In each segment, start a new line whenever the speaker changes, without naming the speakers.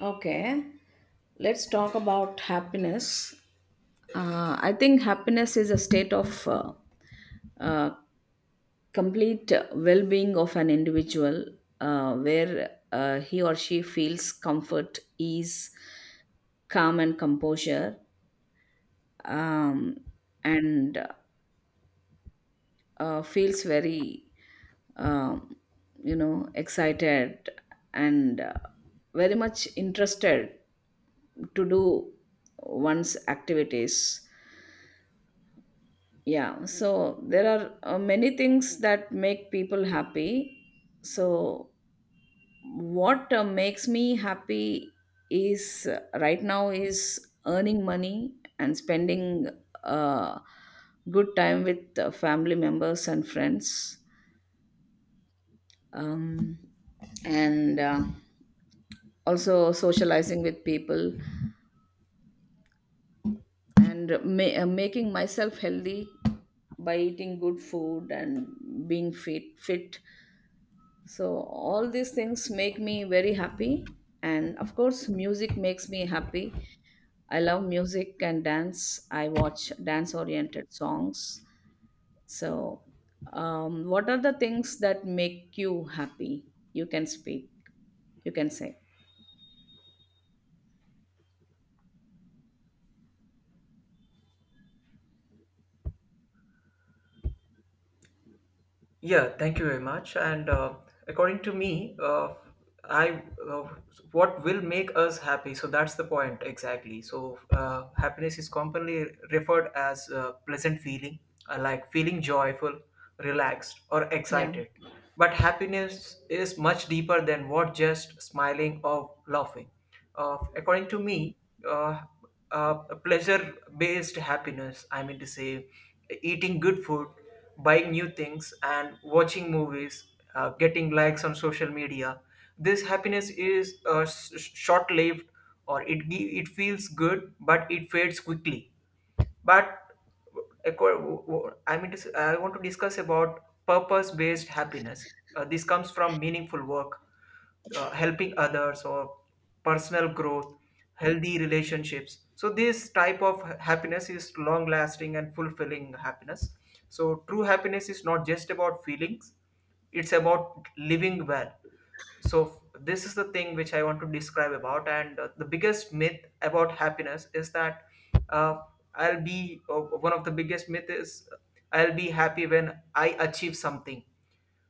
Okay, let's talk about happiness. I think happiness is a state of uh, complete well being of an individual, where he or she feels comfort, ease, calm, and composure, um, and feels very, um, excited and very much interested to do one's activities. Yeah, so there are many things that make people happy. So what makes me happy is, right now, is earning money and spending uh, good time with family members and friends, um, and also socializing with people and making myself healthy by eating good food and being fit. So all these things make me very happy. And of course, music makes me happy. I love music and dance. I watch dance oriented songs. So, what are the things that make you happy? You can speak, you can say.
Yeah, thank you very much. And according to me, I uh, what will make us happy. So that's the point exactly. So happiness is commonly referred as pleasant feeling, like feeling joyful, relaxed, or
Yeah.
excited. But happiness is much deeper than what just smiling or laughing. According to me, uh, uh, pleasure-based happiness. I mean to say, eating good food, buying new things, and watching movies, getting likes on social media. This happiness is short lived, or it feels good, but it fades quickly. But I want to discuss about purpose-based happiness. This comes from meaningful work, helping others, or personal growth, healthy relationships. So this type of happiness is long-lasting and fulfilling happiness. So true happiness is not just about feelings; it's about living well. So this is the thing which I want to describe about. And the biggest myth about happiness is that uh, I'll be one of the biggest myth is I'll be happy when I achieve something.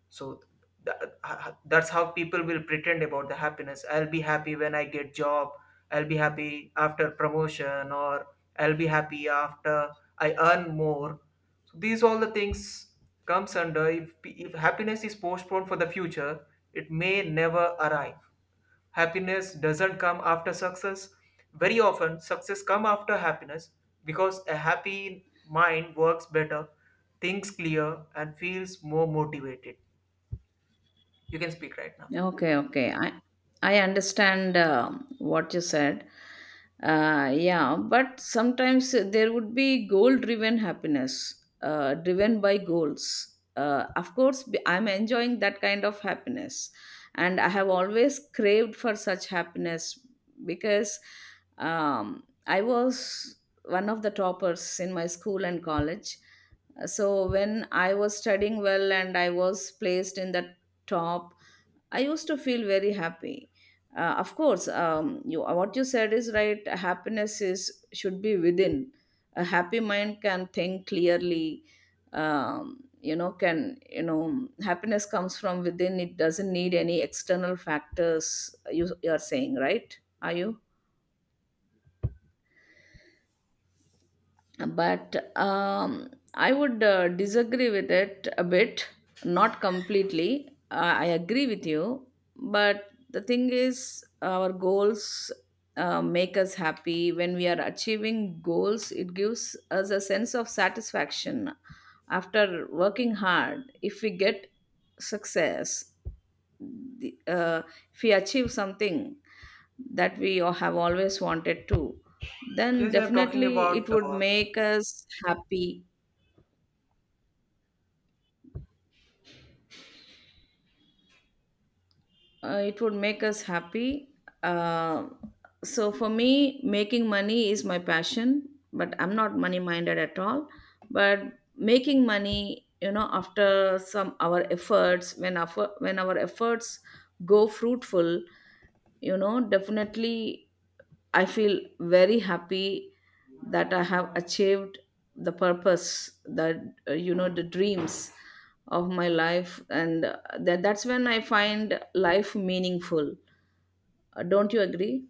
so tha- that's how people will pretend about the happiness. I'll be happy when I get job, I'll be happy after promotion, or I'll be happy after I earn more. So these all the things comes under, if happiness is postponed for the future, it may never arrive. Happiness doesn't come after success; very often success come after happiness, because a happy mind works better, thinks clear, and feels more motivated. You can speak right now.
Okay, okay. I understand what you said. Yeah, but sometimes there would be goal-driven happiness, driven by goals. Of course, I'm enjoying that kind of happiness, and I have always craved for such happiness because, I was one of the toppers in my school and college. So when I was studying well and I was placed in the top, I used to feel very happy. Of course, you, what you said is right. Happiness is should be within. A happy mind can think clearly. You know, can you know Happiness comes from within. It doesn't need any external factors. You are saying right? Are you? But I would disagree with it a bit, not completely. I agree with you, but the thing is, our goals make us happy. When we are achieving goals, it gives us a sense of satisfaction after working hard. If we get success, the, uh, if we achieve something that we have always wanted to, then
Yes, I'm talking
definitely it
about,
would make us happy. It would make us happy. Uh, So for me, making money is my passion, but I'm not money minded at all. But making money, you know, after some our efforts, when our, when our efforts go fruitful, you know, definitely I feel very happy that I have achieved the purpose that, the dreams of my life, and that, that's when I find life meaningful. Don't you agree?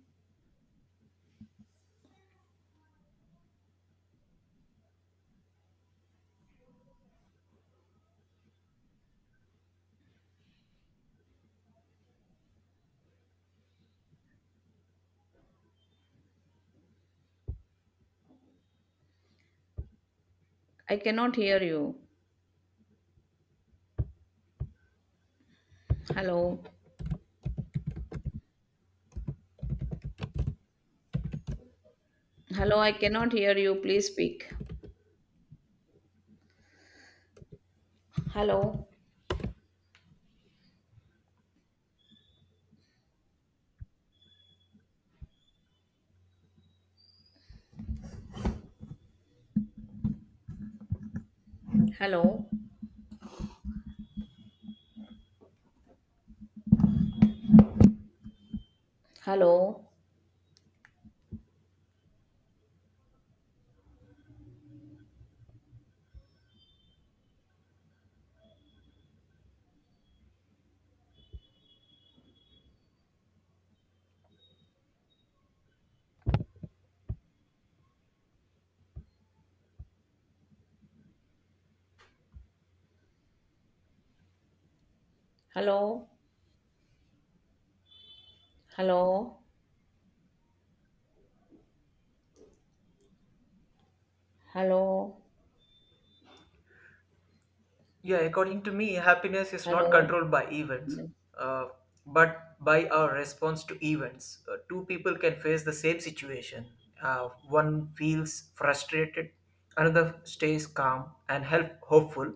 I cannot hear you. Hello. Hello, I cannot hear you. Please speak. Hello. Hello. Hello. Hello. Hello. Hello.
yeah, according to me, happiness is not
Hello.
controlled by events, uh, but by our response to events. Two people can face the same situation. One feels frustrated, another stays calm and help hopeful.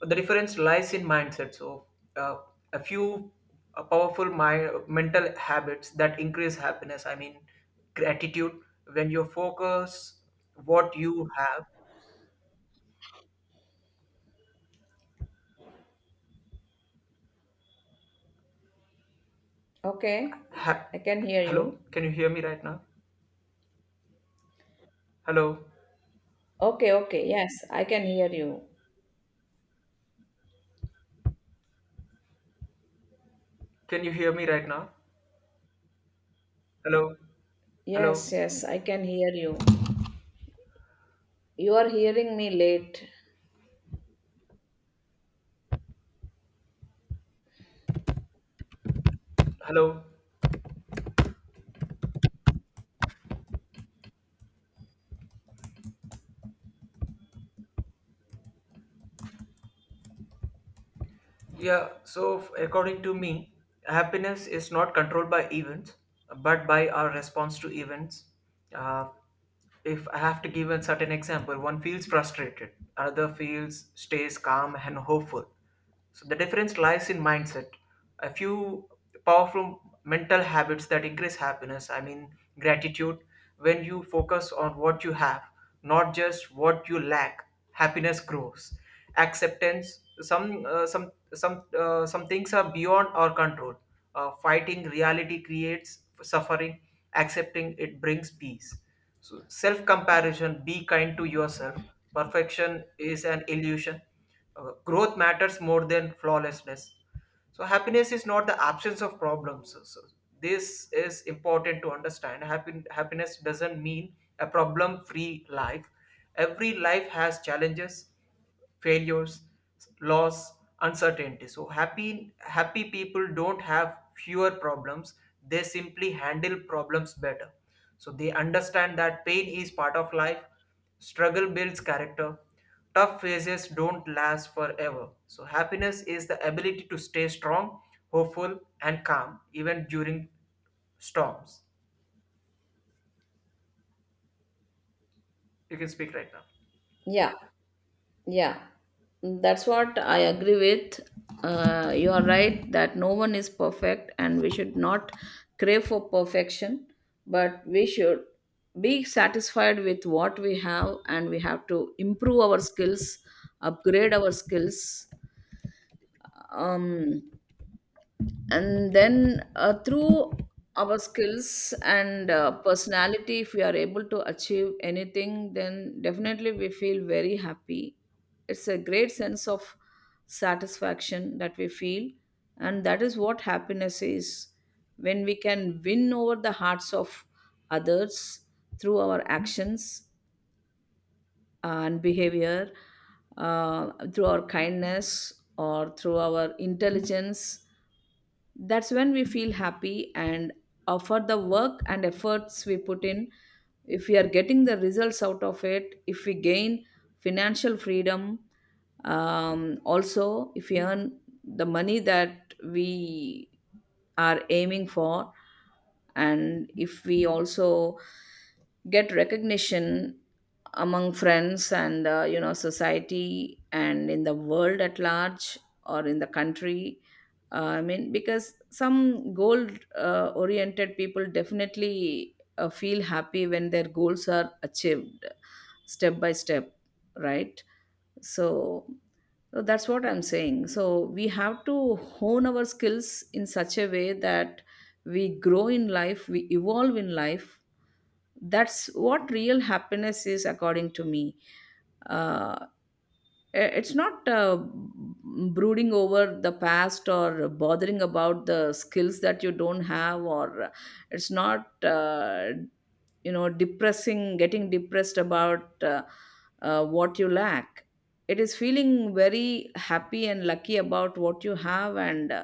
The difference lies in mindset. So, uh, a few mental habits that increase happiness. I mean, gratitude. When you focus what you have.
Okay.
Ha-
I can hear
Hello,
you.
can you hear me right now? Hello,
Okay, okay. Yes, I can hear you.
can you hear me right now? Hello, hello,
Yes, yes, I can hear you. You are hearing me late.
hello. Yeah, so according to me, happiness is not controlled by events, but by our response to events. Uh, if I have to give a certain example, one feels frustrated, another feels stays calm and hopeful. So the difference lies in mindset. A few powerful mental habits that increase happiness, I mean, gratitude. When you focus on what you have, not just what you lack, happiness grows. Acceptance: some things are beyond our control. Fighting reality creates suffering; accepting it brings peace. So self comparison: be kind to yourself. Perfection is an illusion. Growth matters more than flawlessness. So happiness is not the absence of problems. So this is important to understand. Happiness doesn't mean a problem free life. Every life has challenges, failures, loss, uncertainty. So happy people don't have fewer problems, they simply handle problems better. So they understand that pain is part of life. Struggle builds character. Tough phases don't last forever. So, happiness is the ability to stay strong, hopeful, and calm even during storms. You can speak right now.
Yeah. Yeah, that's what I agree with. You are right that no one is perfect and we should not crave for perfection, but we should be satisfied with what we have and we have to improve our skills, upgrade our skills. Um, and then through our skills and personality, if we are able to achieve anything, then definitely we feel very happy. It's a great sense of satisfaction that we feel, and that is what happiness is, when we can win over the hearts of others through our actions and behavior, through our kindness or through our intelligence. That's when we feel happy. And for the work and efforts we put in, if we are getting the results out of it, if we gain financial freedom, also if we earn the money that we are aiming for, and if we also get recognition among friends and, society and in the world at large or in the country. I mean, because some goal oriented people definitely feel happy when their goals are achieved step by step, right? So, so that's what I'm saying. So we have to hone our skills in such a way that we grow in life, we evolve in life. That's what real happiness is, according to me. Uh, It's not brooding over the past or bothering about the skills that you don't have, or it's not, depressing, getting depressed about what you lack. It is feeling very happy and lucky about what you have, and uh,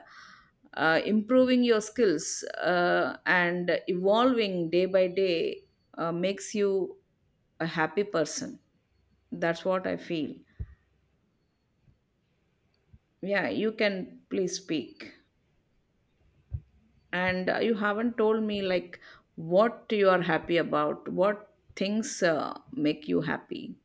uh, improving your skills and evolving day by day makes you a happy person. That's what I feel. Yeah, you can please speak. And you haven't told me, like, what you are happy about, what things make you happy.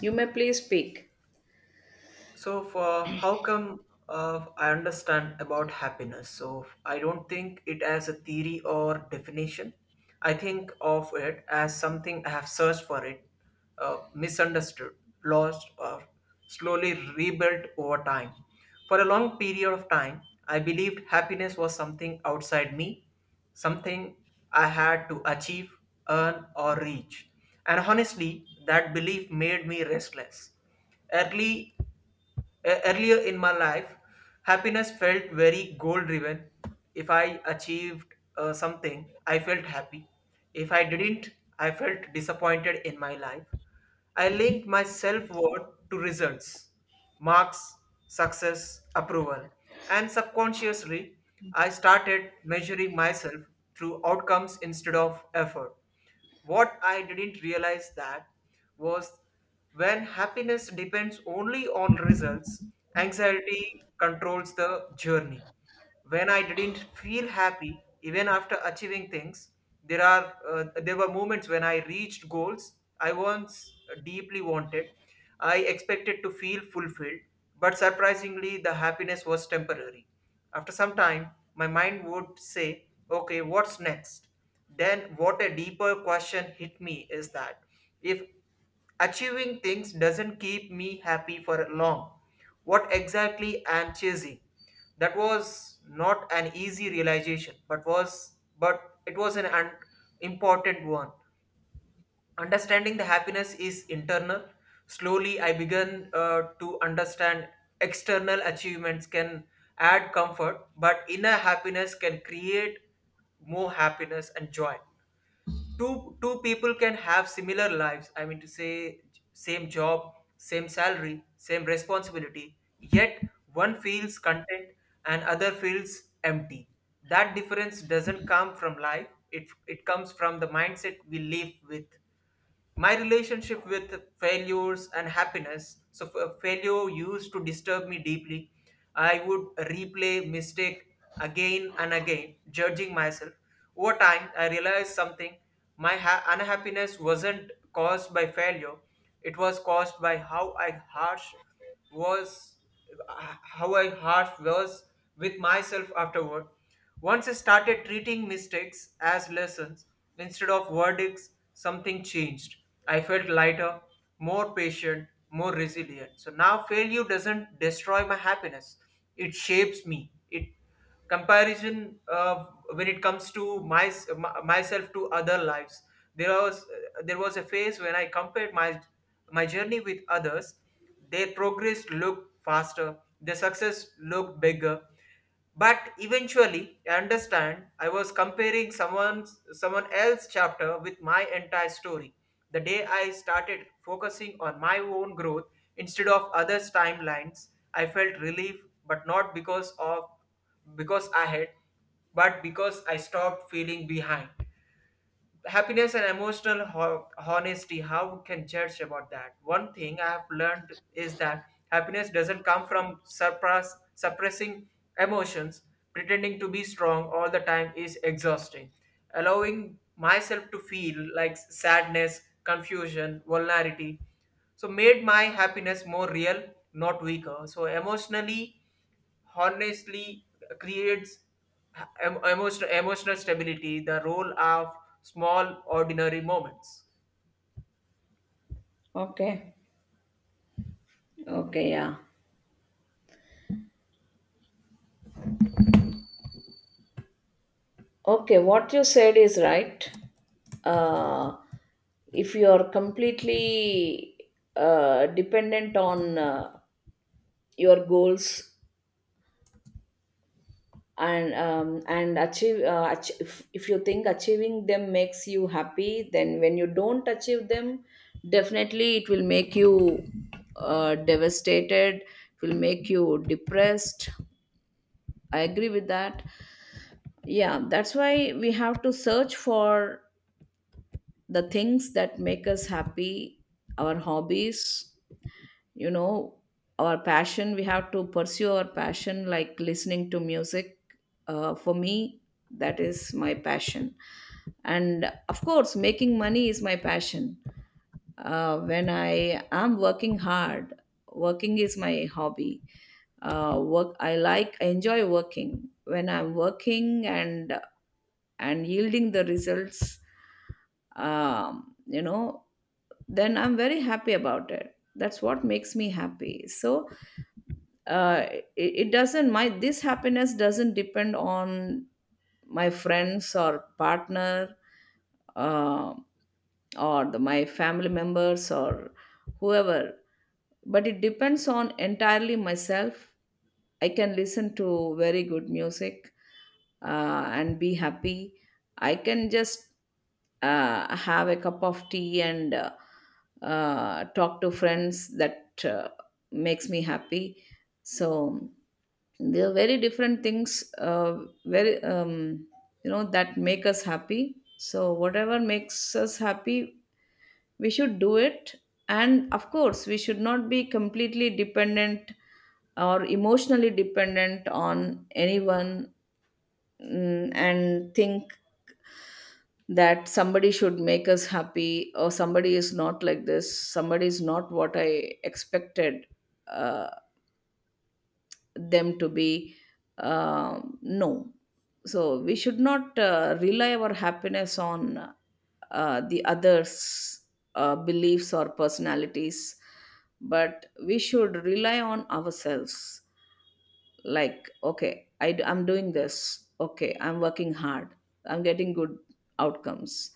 You may please speak.
So, for how come I understand about happiness? So, I don't think it as a theory or definition. I think of it as something I have searched for it, misunderstood, lost, or slowly rebuilt over time. For a long period of time, I believed happiness was something outside me, something I had to achieve, earn, or reach. And honestly, that belief made me restless. Early Earlier in my life, happiness felt very goal driven. If I achieved something, I felt happy. If I didn't, I felt disappointed in my life. I linked my self worth to results, marks, success, approval, and subconsciously, I started measuring myself through outcomes instead of effort. What I didn't realize that was, when happiness depends only on results, anxiety controls the journey. When I didn't feel happy, even after achieving things, there were moments when I reached goals I once deeply wanted. I expected to feel fulfilled, but surprisingly, the happiness was temporary. After some time, my mind would say, okay, what's next? Then, what a deeper question hit me is that if achieving things doesn't keep me happy for long, what exactly am chasing? That was not an easy realization, but it was an important one. Understanding the happiness is internal. Slowly, I began to understand external achievements can add comfort, but inner happiness can create more happiness and joy. Two people can have similar lives. I mean to say, same job, same salary, same responsibility. Yet one feels content and other feels empty. That difference doesn't come from life. It comes from the mindset we live with. My relationship with failures and happiness. So failure used to disturb me deeply. I would replay mistake again and again, judging myself. Over time I realized something: unhappiness wasn't caused by failure, it was caused by how I harsh was, how I harsh was with myself afterward. Once I started treating mistakes as lessons instead of verdicts, something changed. I felt lighter, more patient, more resilient. So now failure doesn't destroy my happiness, it shapes me. It comparison, when it comes to my myself to other lives, there was there was a phase when I compared my journey with others. Their progress looked faster, their success looked bigger, but eventually, I understand I was comparing someone else's chapter with my entire story. The day I started focusing on my own growth instead of others' timelines, I felt relief, but not because of, because I had, but because I stopped feeling behind. Happiness and emotional honesty, how can judge about that. One thing I have learned is that happiness doesn't come from suppressing emotions. Pretending to be strong all the time is exhausting. Allowing myself to feel like sadness, confusion, vulnerability, so made my happiness more real, not weaker. So emotionally honestly creates emotional stability. The role of small ordinary moments.
Okay. Okay, yeah. Okay, what you said is right. Uh, if you are completely dependent on your goals, and achieve, if you think achieving them makes you happy, then when you don't achieve them, definitely it will make you devastated, it will make you depressed. I agree with that. Yeah, that's why we have to search for the things that make us happy, our hobbies, you know, our passion. We have to pursue our passion, like listening to music. For me, that is my passion. And of course, making money is my passion. When I am working hard, working is my hobby. Work I like, I enjoy working. When I'm working and yielding the results, um, you know then I'm very happy about it. That's what makes me happy. So uh, it, it doesn't, my this happiness doesn't depend on my friends or partner, uh, or my family members or whoever, but it depends on entirely myself. I can listen to very good music and be happy. I can just have a cup of tea and talk to friends. That makes me happy. So there are very different things, very you know that make us happy. So whatever makes us happy, we should do it. And of course, we should not be completely dependent or emotionally dependent on anyone, and think that somebody should make us happy, or somebody is not like this, somebody is not what I expected uh, them to be. Uh, no. So we should not rely our happiness on the others' beliefs or personalities, but we should rely on ourselves. Like, okay, I'm doing this, okay, I'm working hard, I'm getting good outcomes,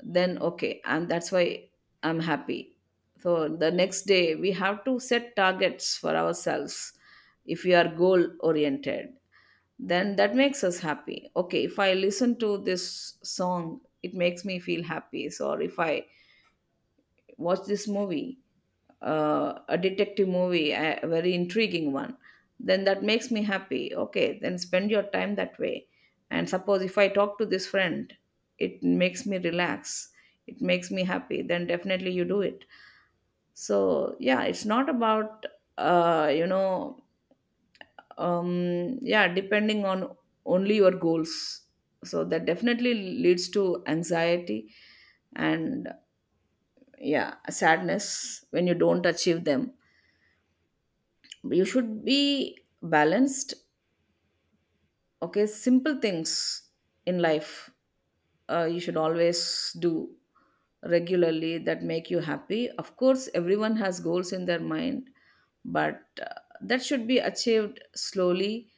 then okay, and that's why I'm happy. So the next day we have to set targets for ourselves. If we are goal oriented, then that makes us happy. Okay, if I listen to this song, it makes me feel happy. So if I watch this movie, a detective movie, a very intriguing one, then that makes me happy. Okay, then spend your time that way. And suppose if I talk to this friend, it makes me relax, it makes me happy, then definitely you do it. So, yeah, it's not about, uh, you know, yeah, depending on only your goals. So that definitely leads to anxiety and, yeah, sadness when you don't achieve them. You should be balanced. Okay, simple things in life, you should always do regularly, that make you happy. Of course, everyone has goals in their mind, but that should be achieved slowly.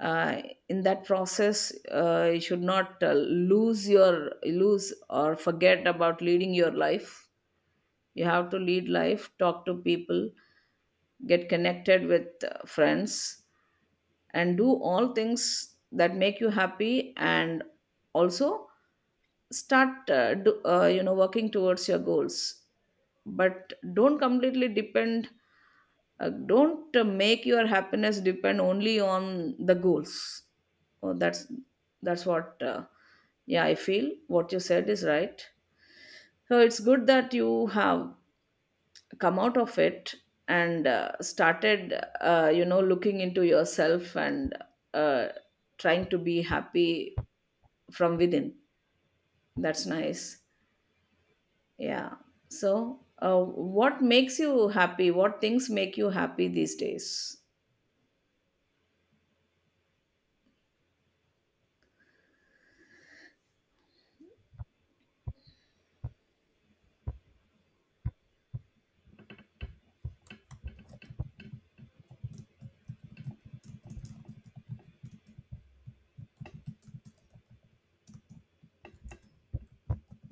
Uh, in that process, you should not lose or forget about leading your life. You have to lead life, talk to people, get connected with friends, and do all things that make you happy, and also start do, you know working towards your goals. But don't completely depend, don't make your happiness depend only on the goals. Oh, that's what, yeah, I feel what you said is right. So it's good that you have come out of it and started, looking into yourself and uh, trying to be happy from within. That's nice. Yeah. So what makes you happy, what things make you happy these days?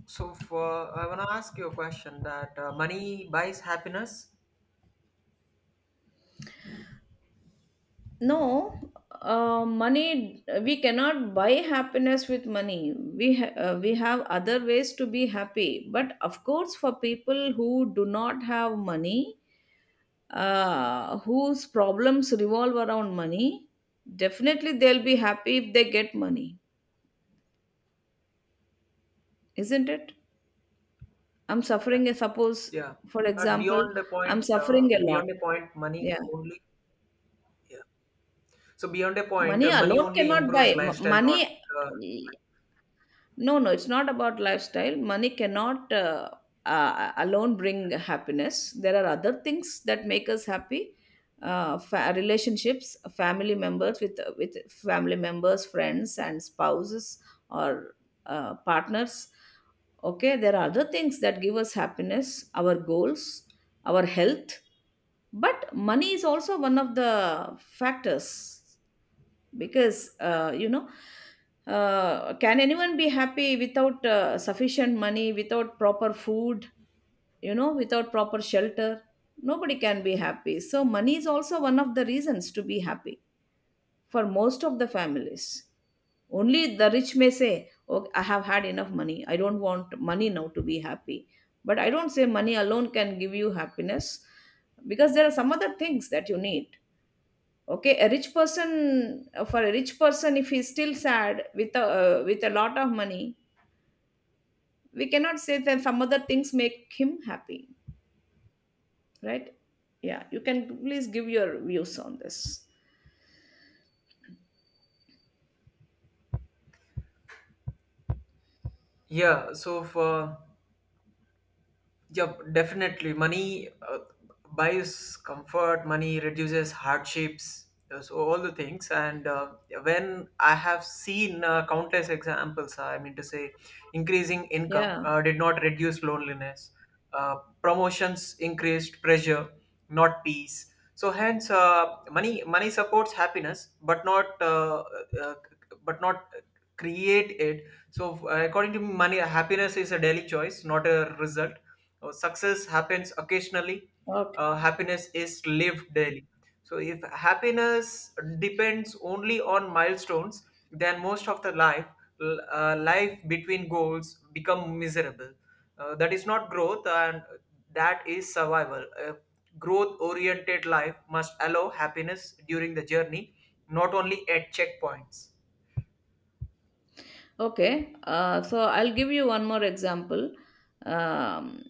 So for, I want to ask you a question that, money buys happiness.
No, money, we cannot buy happiness with money. We we have other ways to be happy, but of course, for people who do not have money, whose problems revolve around money, definitely they'll be happy if they get money, isn't it? I'm
Yeah,
suffering, suppose,
yeah,
for
but
example,
beyond a
I'm
point,
suffering a lot.
money
Yeah,
only, yeah. So beyond a point,
money
money
alone
only
cannot buy.
improves lifestyle,
Money,
not uh, like,
no, no, it's not about lifestyle. Money cannot alone bring happiness. There are other things that make us happy. Relationships, family members, with family members, friends, and spouses or partners. Okay, there are other things that give us happiness. Our goals, our health, but money is also one of the factors, because can anyone be happy without sufficient money, without proper food, you know, without proper shelter? Nobody can be happy. So money is also one of the reasons to be happy for most of the families. Only the rich may say, oh, I have had enough money, I don't want money now to be happy. But I don't say money alone can give you happiness, because there are some other things that you need. Okay, a rich person, for a rich person, if he's still sad with a, with a lot of money, we cannot say that some other things make him happy, right? Yeah, you can please give your views on this.
yeah. So for, yeah, definitely. Money buys comfort, money reduces hardships, so all the things. And when I have seen countless examples, I mean to say, increasing income
Yeah.
did not reduce loneliness, uh, promotions increased pressure not peace. So hence, money supports happiness but not, uh, but not create it. So according to me, money happiness is a daily choice, not a result. Success happens occasionally, happiness is lived daily. So if happiness depends only on milestones, then most of the life life between goals become miserable. That is not growth, and that is survival. A growth oriented life must allow happiness during the journey, not only at checkpoints.
Okay, so I'll give you one more example. Um,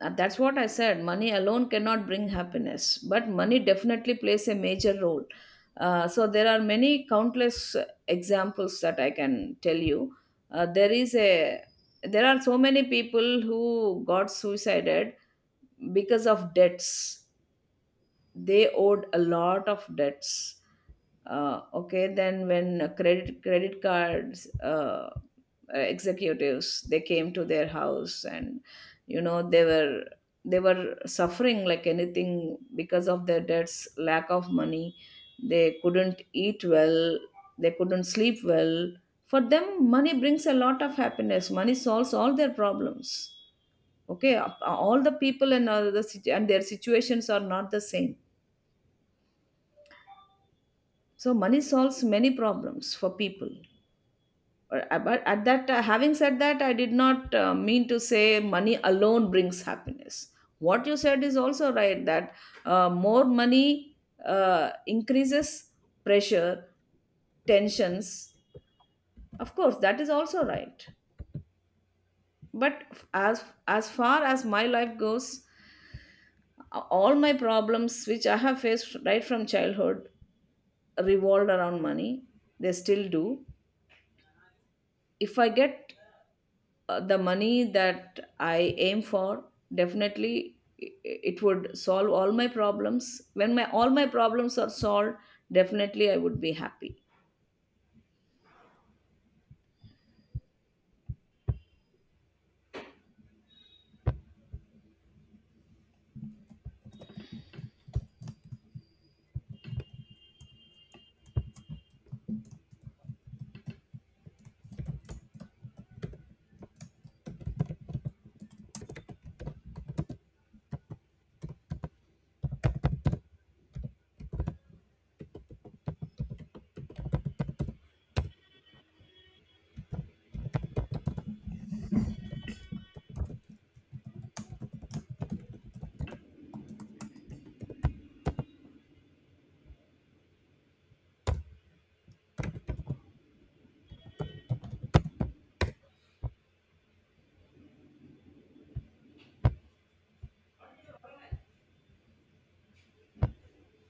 and that's what I said. Money alone cannot bring happiness, but money definitely plays a major role. So there are many countless examples that I can tell you. There is a, there are so many people who got suicided because of debts, they owed a lot of debts. Okay, then when credit cards executives, they came to their house and, you know, they were suffering like anything because of their debts, lack of money. They couldn't eat well, they couldn't sleep well. For them, money brings a lot of happiness, money solves all their problems. Okay, all the people and all the and their situations are not the same. So money solves many problems for people. But but at that having said that, I did not mean to say money alone brings happiness. What you said is also right, that more money increases pressure, tensions. Of course, that is also right. But as far as my life goes, all my problems which I have faced right from childhood revolved around money. They still do. If I get the money that I aim for, definitely it would solve all my problems. When my, all my problems are solved, definitely I would be happy.